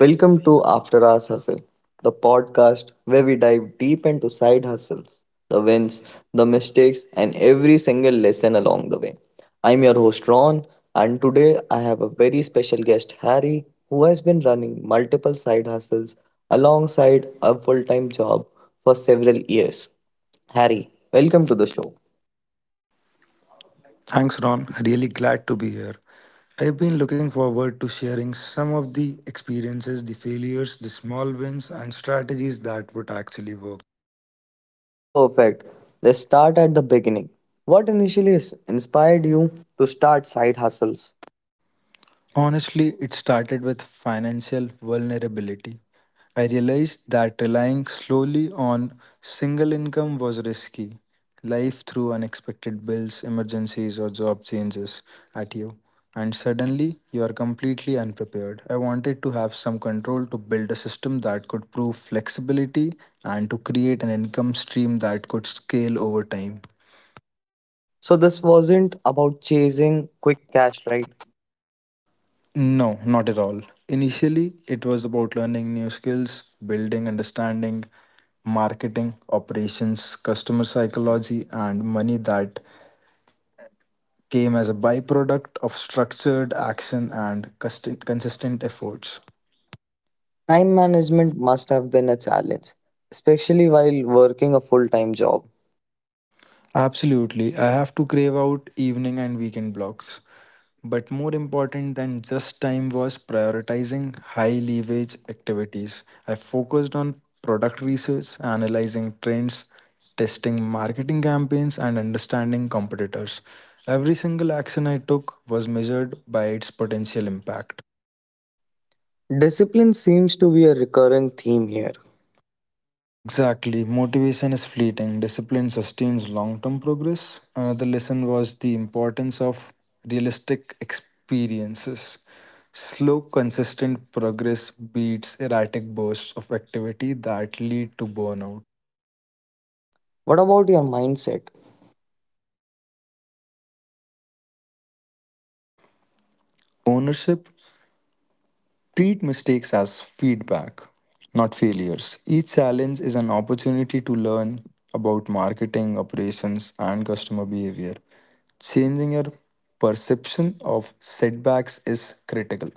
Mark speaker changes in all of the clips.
Speaker 1: Welcome to After Hours Hustle, the podcast where we dive deep into side hustles, the wins, the mistakes, and every single lesson along the way. I'm your host Ron, and today I have a very special guest Harry, who has been running multiple side hustles alongside a full time job for several years. Harry, welcome to the show.
Speaker 2: Thanks, Ron. Really glad to be here. I've been looking forward to sharing some of the experiences, the failures, the small wins, and strategies that would actually work.
Speaker 1: Perfect. Let's start at the beginning. What inspired you to start side hustles?
Speaker 2: Honestly, it started with financial vulnerability. I realized that relying slowly on single income was risky. Life threw unexpected bills, emergencies, or job changes at you, and suddenly you are completely unprepared. I wanted to have some control to build a system that could prove flexibility and to create an income stream that could scale over time.
Speaker 1: So this wasn't about chasing quick cash, right?
Speaker 2: No, not at all. Initially, it was about learning new skills, building understanding, marketing, operations, customer psychology, and money that came as a byproduct of structured action and consistent efforts.
Speaker 1: Time management must have been a challenge, especially while working a full time job.
Speaker 2: Absolutely. I have to crave out evening and weekend blocks. But more important than just time was prioritizing high leverage activities. I focused on product research, analyzing trends, testing marketing campaigns, and understanding competitors. Every single action I took was measured by its potential impact.
Speaker 1: Discipline seems to be a recurring theme here.
Speaker 2: Exactly. Motivation is fleeting, discipline sustains long term progress. Another lesson was the importance of realistic experiences. Slow, consistent progress beats erratic bursts of activity that lead to burnout.
Speaker 1: What about your mindset?
Speaker 2: Ownership. Treat mistakes as feedback, not failures. Each challenge is an opportunity to learn about marketing, operations, and customer behavior. Changing your perception of setbacks is critical.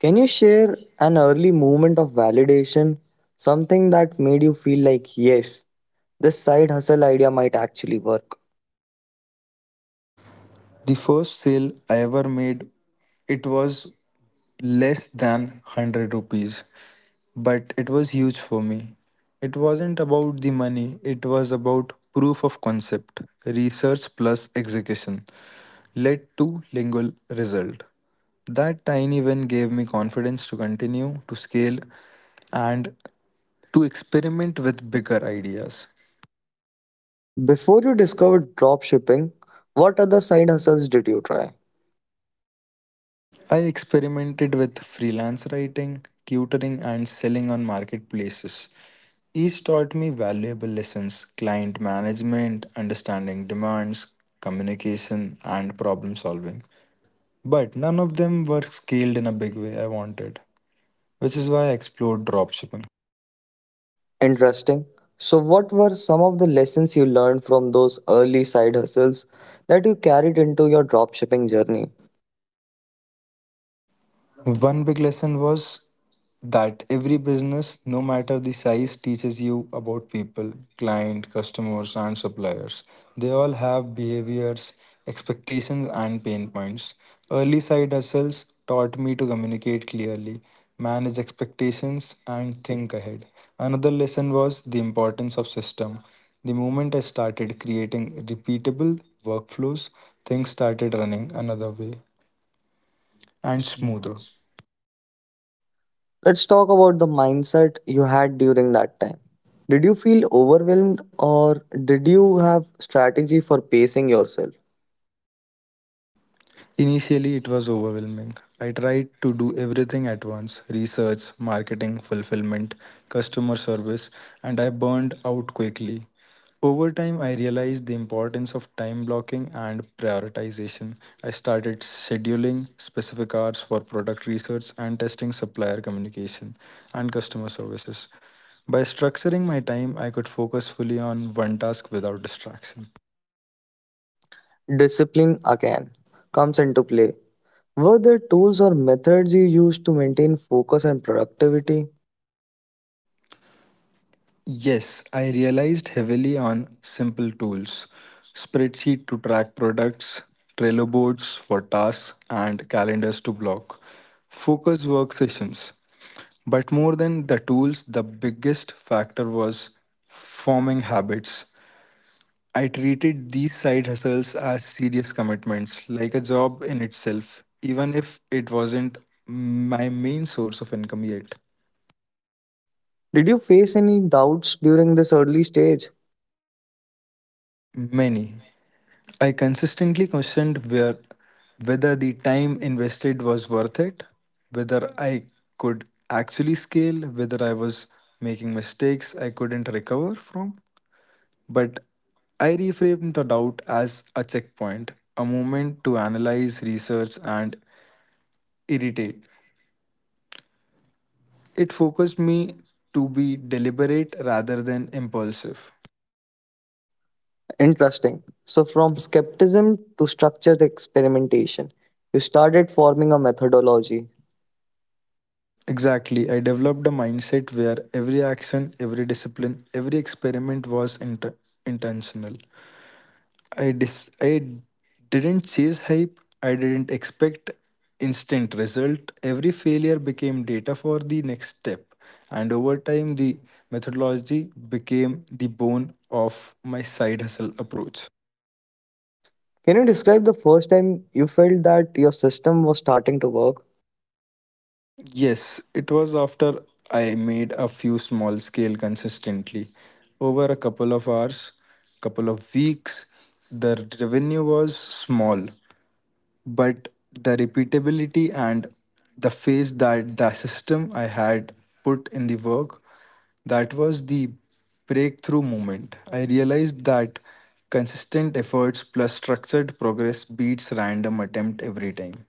Speaker 1: Can you share an early moment of validation? Something that made you feel like, yes, this side hustle idea might actually work.
Speaker 2: The first sale I ever made, it was less than 100 rupees, but it was huge for me. It wasn't about the money, it was about proof of concept, research plus execution. Led to lingual result. That tiny win gave me confidence to continue, to scale, and to experiment with bigger ideas.
Speaker 1: Before you discovered drop shipping, what other side hustles did you try?
Speaker 2: I experimented with freelance writing, tutoring, and selling on marketplaces. Each taught me valuable lessons: client management, understanding demands, communication, and problem solving. But none of them were scaled in a big way I wanted, which is why I explored dropshipping.
Speaker 1: Interesting. So, what were some of the lessons you learned from those early side hustles that you carried into your dropshipping journey?
Speaker 2: One big lesson was that every business, no matter the size, teaches you about people, client, customers, and suppliers. They all have behaviors, expectations, and pain points. Early side hustles taught me to communicate clearly, manage expectations, and think ahead. Another lesson was the importance of system. The moment I started creating repeatable workflows, things started running another way and
Speaker 1: Thanks, Mohan.
Speaker 2: smoother.
Speaker 1: Let's talk about the mindset you had during that time. Did you feel overwhelmed or did you have strategy for pacing yourself?
Speaker 2: Initially, it was overwhelming. I tried to do everything at once: research, marketing, fulfillment, customer service, and I burned out quickly. Over time, I realized the importance of time blocking and prioritization. I started scheduling specific hours for product research and testing supplier communication and customer services. By structuring my time, I could focus fully on one task without distraction.
Speaker 1: Discipline again comes into play. Were there tools or methods you used to maintain focus and productivity?
Speaker 2: Yes, I realized heavily on simple tools: spreadsheet to track products, Trello boards for tasks, and calendars to block. Focus work sessions. But more than the tools, the biggest factor was forming habits. I treated these side hustles as serious commitments, like a job in itself, even if it wasn't my main source of income yet.
Speaker 1: Did you face any doubts during this early stage?
Speaker 2: Many. I consistently questioned where, whether the time invested was worth it, whether I could actually scale, whether I was making mistakes I couldn't recover from. But I reframed the doubt as a checkpoint, a moment to analyze, research, and irritate. It focused me to be deliberate rather than impulsive.
Speaker 1: Interesting. So, from skepticism to structured experimentation, you started forming a methodology.
Speaker 2: Exactly. I developed a mindset where every action, every discipline, every experiment was intentional. I didn't chase hype. I didn't expect instant result. Every failure became data for the next step. And over time the methodology became the bone of my side hustle approach.
Speaker 1: Can you describe the first time you felt that your system was starting to work?
Speaker 2: Yes, it was after I made a few small scale consistently. Over a couple of hours, couple of weeks, the revenue was small, but the repeatability and the phase that the system I had put in the work, that was the breakthrough moment. I realized that consistent efforts plus structured progress beats random attempt every time.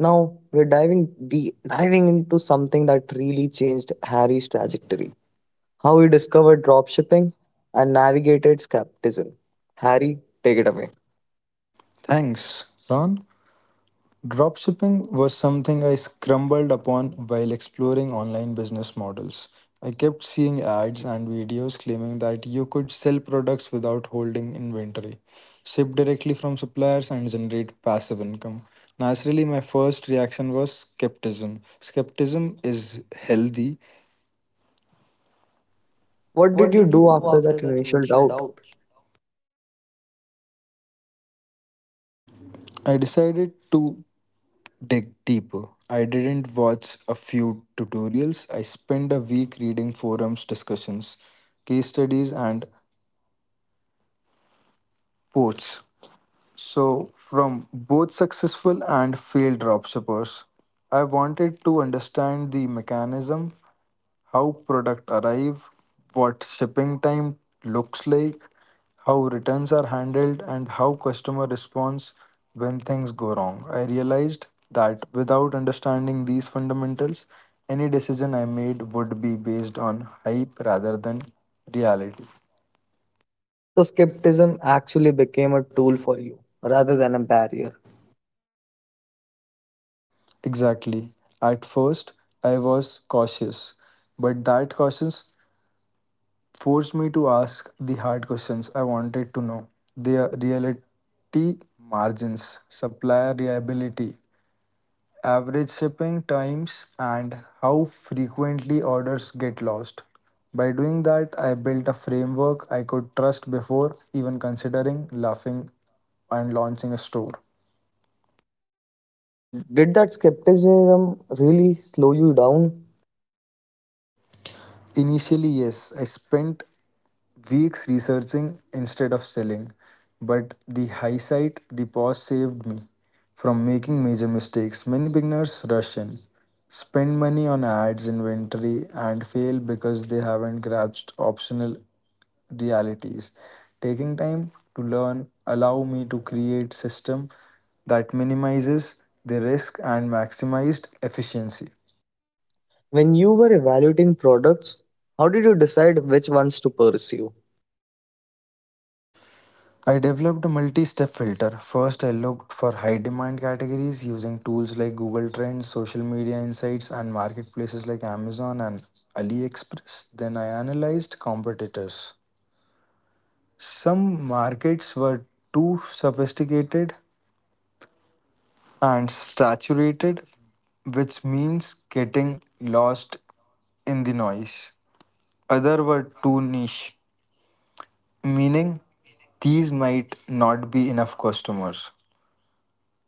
Speaker 1: Now we're diving into something that really changed Harry's trajectory. How he discovered dropshipping and navigated skepticism. Harry, take it away.
Speaker 2: Thanks, Ron. Dropshipping was something I stumbled upon while exploring online business models. I kept seeing ads and videos claiming that you could sell products without holding inventory, ship directly from suppliers, and generate passive income. Naturally, my first reaction was skepticism. Skepticism is healthy.
Speaker 1: What did
Speaker 2: What
Speaker 1: you
Speaker 2: did you
Speaker 1: do
Speaker 2: do
Speaker 1: after
Speaker 2: after
Speaker 1: that
Speaker 2: that
Speaker 1: initial
Speaker 2: initial
Speaker 1: doubt?
Speaker 2: doubt? I decided to dig deeper. I didn't watch a few tutorials. I spent a week reading forums, discussions, case studies, and posts. So, from both successful and failed dropshippers, I wanted to understand the mechanism: how product arrive, what shipping time looks like, how returns are handled and how customer responds when things go wrong. I realized that without understanding these fundamentals, any decision I made would be based on hype rather than reality.
Speaker 1: So skepticism actually became a tool for you rather than a barrier.
Speaker 2: Exactly. At first, I was cautious, but that cautious forced me to ask the hard questions I wanted to know. The reality margins, supplier reliability, average shipping times, and how frequently orders get lost. By doing that, I built a framework I could trust before even considering laughing and launching a store.
Speaker 1: Did that skepticism really slow you down?
Speaker 2: Initially, yes, I spent weeks researching instead of selling, but the hindsight, the pause saved me from making major mistakes. Many beginners rush in, spend money on ads, inventory, and fail because they haven't grasped optional realities. Taking time to learn allow me to create system that minimizes the risk and maximized efficiency.
Speaker 1: When you were evaluating products, how did you decide which ones to pursue?
Speaker 2: I developed a multi step filter. First, I looked for high demand categories using tools like Google Trends, social media insights, and marketplaces like Amazon and AliExpress. Then, I analyzed competitors. Some markets were too sophisticated and saturated, which means getting lost in the noise. Other were too niche, meaning these might not be enough customers.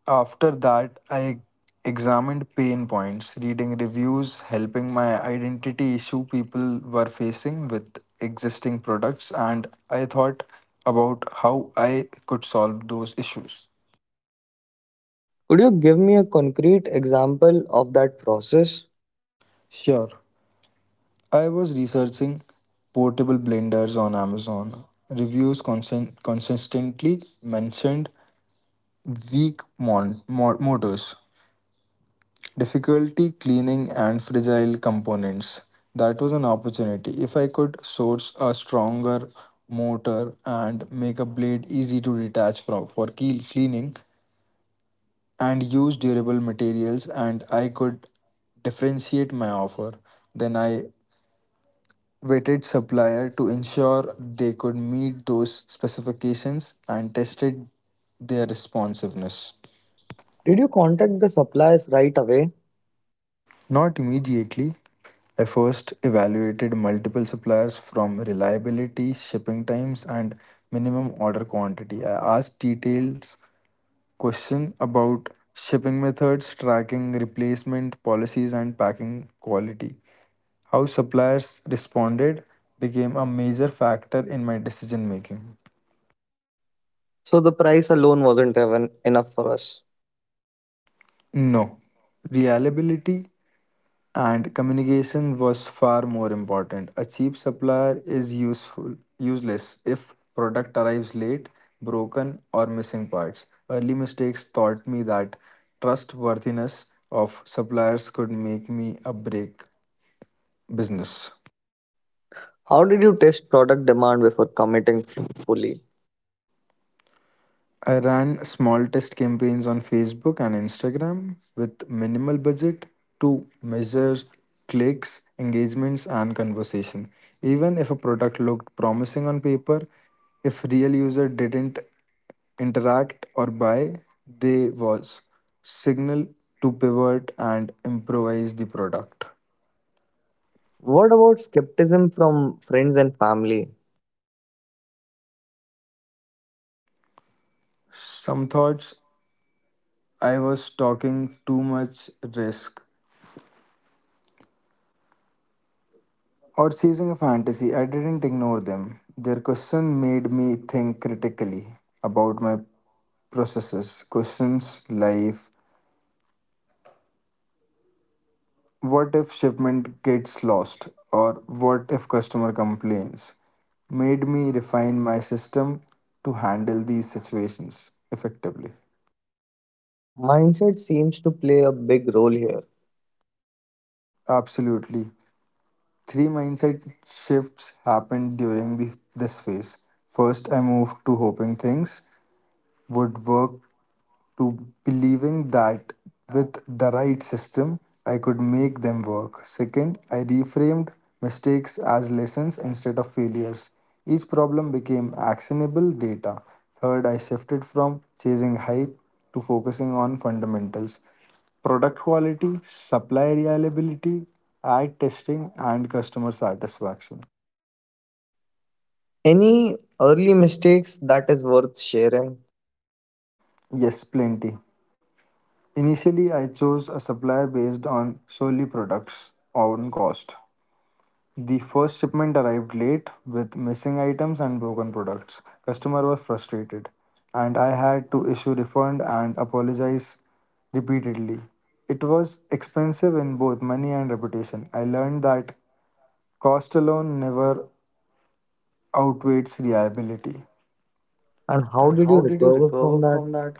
Speaker 2: After that, I examined pain points, reading reviews, helping my identity issue people were facing with existing products, and I thought about how I could solve those issues.
Speaker 1: Could you give me a concrete example of that process?
Speaker 2: Sure, I was researching portable blenders on Amazon. Reviews consistently mentioned weak motors, difficulty cleaning and fragile components. That was an opportunity. If I could source a stronger motor and make a blade easy to detach from for keel cleaning and use durable materials and I could differentiate my offer, then I vetted supplier to ensure they could meet those specifications and tested their responsiveness.
Speaker 1: Did you contact the suppliers right away?
Speaker 2: Not immediately. I first evaluated multiple suppliers from reliability, shipping times, and minimum order quantity. I asked detailed questions about shipping methods, tracking replacement policies, and packing quality. How suppliers responded became a major factor in my decision making.
Speaker 1: So the price alone wasn't even enough for us.
Speaker 2: No, reliability and communication was far more important. A cheap supplier is useful useless if product arrives late, broken or missing parts. Early mistakes taught me that trustworthiness of suppliers could make me a break business.
Speaker 1: How did you test product demand before committing fully?
Speaker 2: I ran small test campaigns on Facebook and Instagram with minimal budget to measure clicks, engagements, and conversation. Even if a product looked promising on paper, if real user didn't interact or buy, they was signal to pivot and improvise the product.
Speaker 1: What about skepticism from friends and family?
Speaker 2: Some thoughts I was talking too much risk or chasing a fantasy, I didn't ignore them. Their question made me think critically about my processes. Questions like what if shipment gets lost or what if customer complains made me refine my system to handle these situations effectively.
Speaker 1: Mindset seems to play a big role here.
Speaker 2: Absolutely. Three mindset shifts happened during this phase. First, I moved to hoping things would work to believing that with the right system, I could make them work. Second, I reframed mistakes as lessons instead of failures. Each problem became actionable data. Third, I shifted from chasing hype to focusing on fundamentals: product quality, supply reliability, ad testing, and customer satisfaction.
Speaker 1: Any early mistakes that is worth sharing?
Speaker 2: Yes, plenty. Initially, I chose a supplier based on solely products on cost. The first shipment arrived late with missing items and broken products. Customer was frustrated and I had to issue refund and apologize repeatedly. It was expensive in both money and reputation. I learned that cost alone never outweighs reliability.
Speaker 1: And how
Speaker 2: And
Speaker 1: did you
Speaker 2: how did you
Speaker 1: recover from
Speaker 2: recover
Speaker 1: that?
Speaker 2: from that?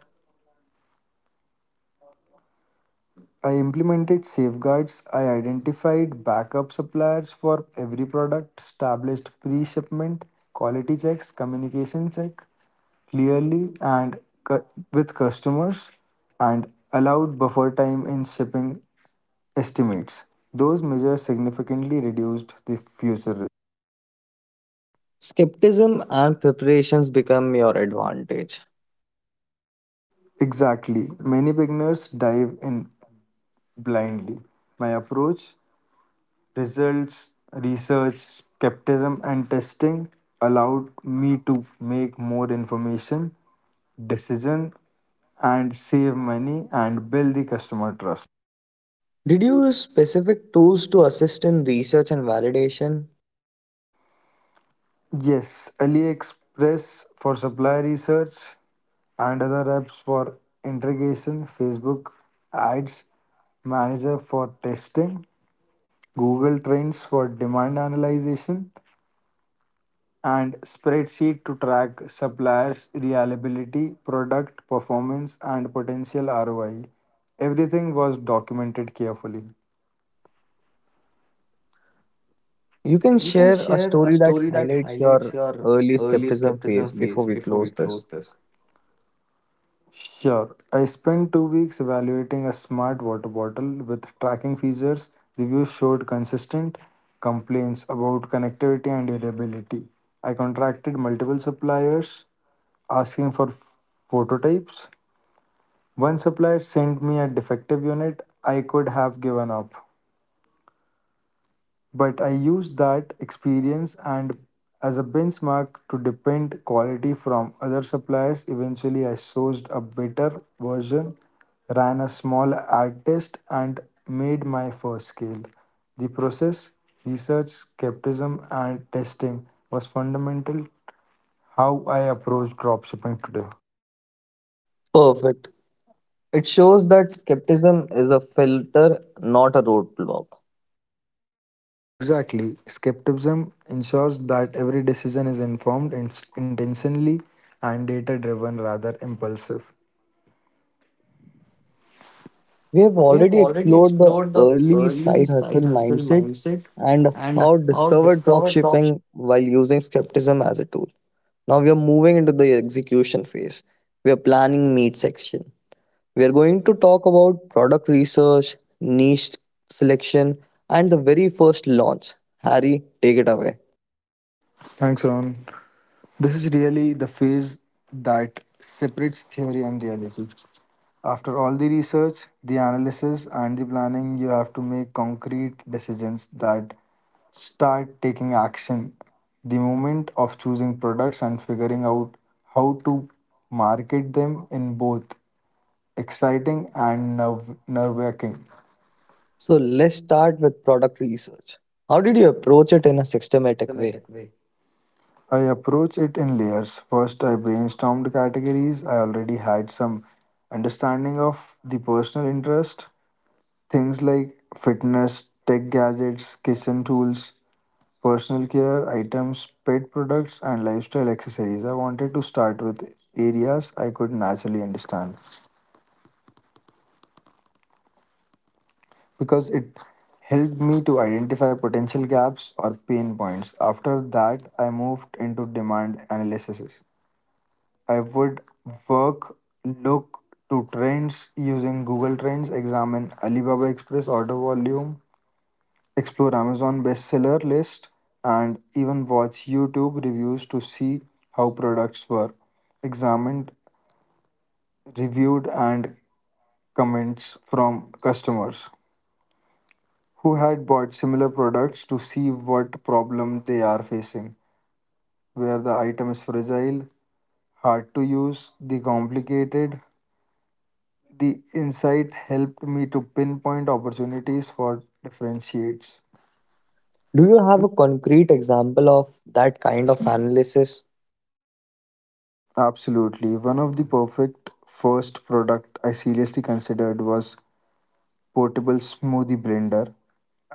Speaker 2: I implemented safeguards. I identified backup suppliers for every product, established pre shipment quality checks, communication check clearly and with customers, and allowed buffer time in shipping estimates. Those measures significantly reduced the future risk.
Speaker 1: Skepticism and preparations become your advantage.
Speaker 2: Exactly. Many beginners dive in blindly. My approach: results, research, skepticism, and testing allowed me to make more information decision and save money and build the customer trust.
Speaker 1: Did you use specific tools to assist in research and validation?
Speaker 2: Yes, AliExpress for supply research and other apps for integration, Facebook ads manager for testing, Google Trends for demand analysis, and spreadsheet to track suppliers' reliability, product performance, and potential ROI. Everything was documented carefully.
Speaker 1: You
Speaker 2: You
Speaker 1: can
Speaker 2: can
Speaker 1: share
Speaker 2: share
Speaker 1: a
Speaker 2: a story
Speaker 1: story that
Speaker 2: that highlights
Speaker 1: highlights your
Speaker 2: your early
Speaker 1: early
Speaker 2: skepticism
Speaker 1: skepticism
Speaker 2: phase
Speaker 1: phase before
Speaker 2: before
Speaker 1: we
Speaker 2: we
Speaker 1: close
Speaker 2: close
Speaker 1: this.
Speaker 2: this. Sure. I spent 2 weeks evaluating a smart water bottle with tracking features. Reviews showed consistent complaints about connectivity and durability. I contracted multiple suppliers asking for phototypes. One supplier sent me a defective unit. I could have given up but I used that experience and as a benchmark to depend quality from other suppliers. Eventually, I sourced a better version, ran a small ad test, and made my first scale. The process, research, skepticism, and testing was fundamental how I approach dropshipping today.
Speaker 1: Perfect. It shows that skepticism is a filter, not a roadblock.
Speaker 2: Exactly. Skepticism ensures that every decision is informed and intentionally and data driven rather impulsive.
Speaker 1: We
Speaker 2: We have
Speaker 1: have
Speaker 2: already
Speaker 1: already explored
Speaker 2: explored the
Speaker 1: the early
Speaker 2: early side
Speaker 1: side hustle
Speaker 2: hustle
Speaker 1: mindset
Speaker 2: mindset
Speaker 1: and
Speaker 2: and
Speaker 1: how
Speaker 2: how
Speaker 1: discovered
Speaker 2: discovered dropshipping.
Speaker 1: dropshipping while using skepticism as a tool. Now we are moving into the execution phase. We are planning meet section. We are going to talk about product research, niche selection, and the very first launch. Harry, take it away.
Speaker 2: Thanks, Ron. This is really the phase that separates theory and reality. After all the research, the analysis, and the planning, you have to make concrete decisions that start taking action. The moment of choosing products and figuring out how to market them in both exciting and nerve wracking.
Speaker 1: So let's start with product research. How did you approach it in a systematic way?
Speaker 2: Systematic way. I approach it in layers. First, I brainstormed categories. I already had some understanding of the personal interest. Things like fitness, tech gadgets, kitchen tools, personal care items, pet products, and lifestyle accessories. I wanted to start with areas I could naturally understand because it helped me to identify potential gaps or pain points. After that, I moved into demand analysis. I would work, look to trends using Google Trends, examine Alibaba Express order volume, explore Amazon bestseller list, and even watch YouTube reviews to see how products were examined, reviewed, and comments from customers who had bought similar products to see what problem they are facing, where the item is fragile, hard to use, the complicated, the insight helped me to pinpoint opportunities for differentiates.
Speaker 1: Do you have a concrete example of that kind of analysis?
Speaker 2: Absolutely. One of the perfect first product I seriously considered was portable smoothie blender.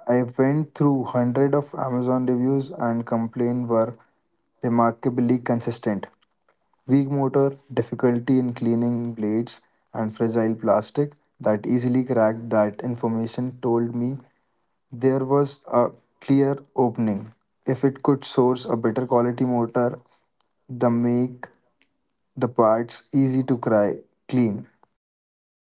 Speaker 2: I went through hundred of Amazon reviews and complaints were remarkably consistent. Weak motor, difficulty in cleaning blades, and fragile plastic that easily cracked that information told me there was a clear opening. If it could source a better quality motor, the make the parts easy to cry clean by Mr.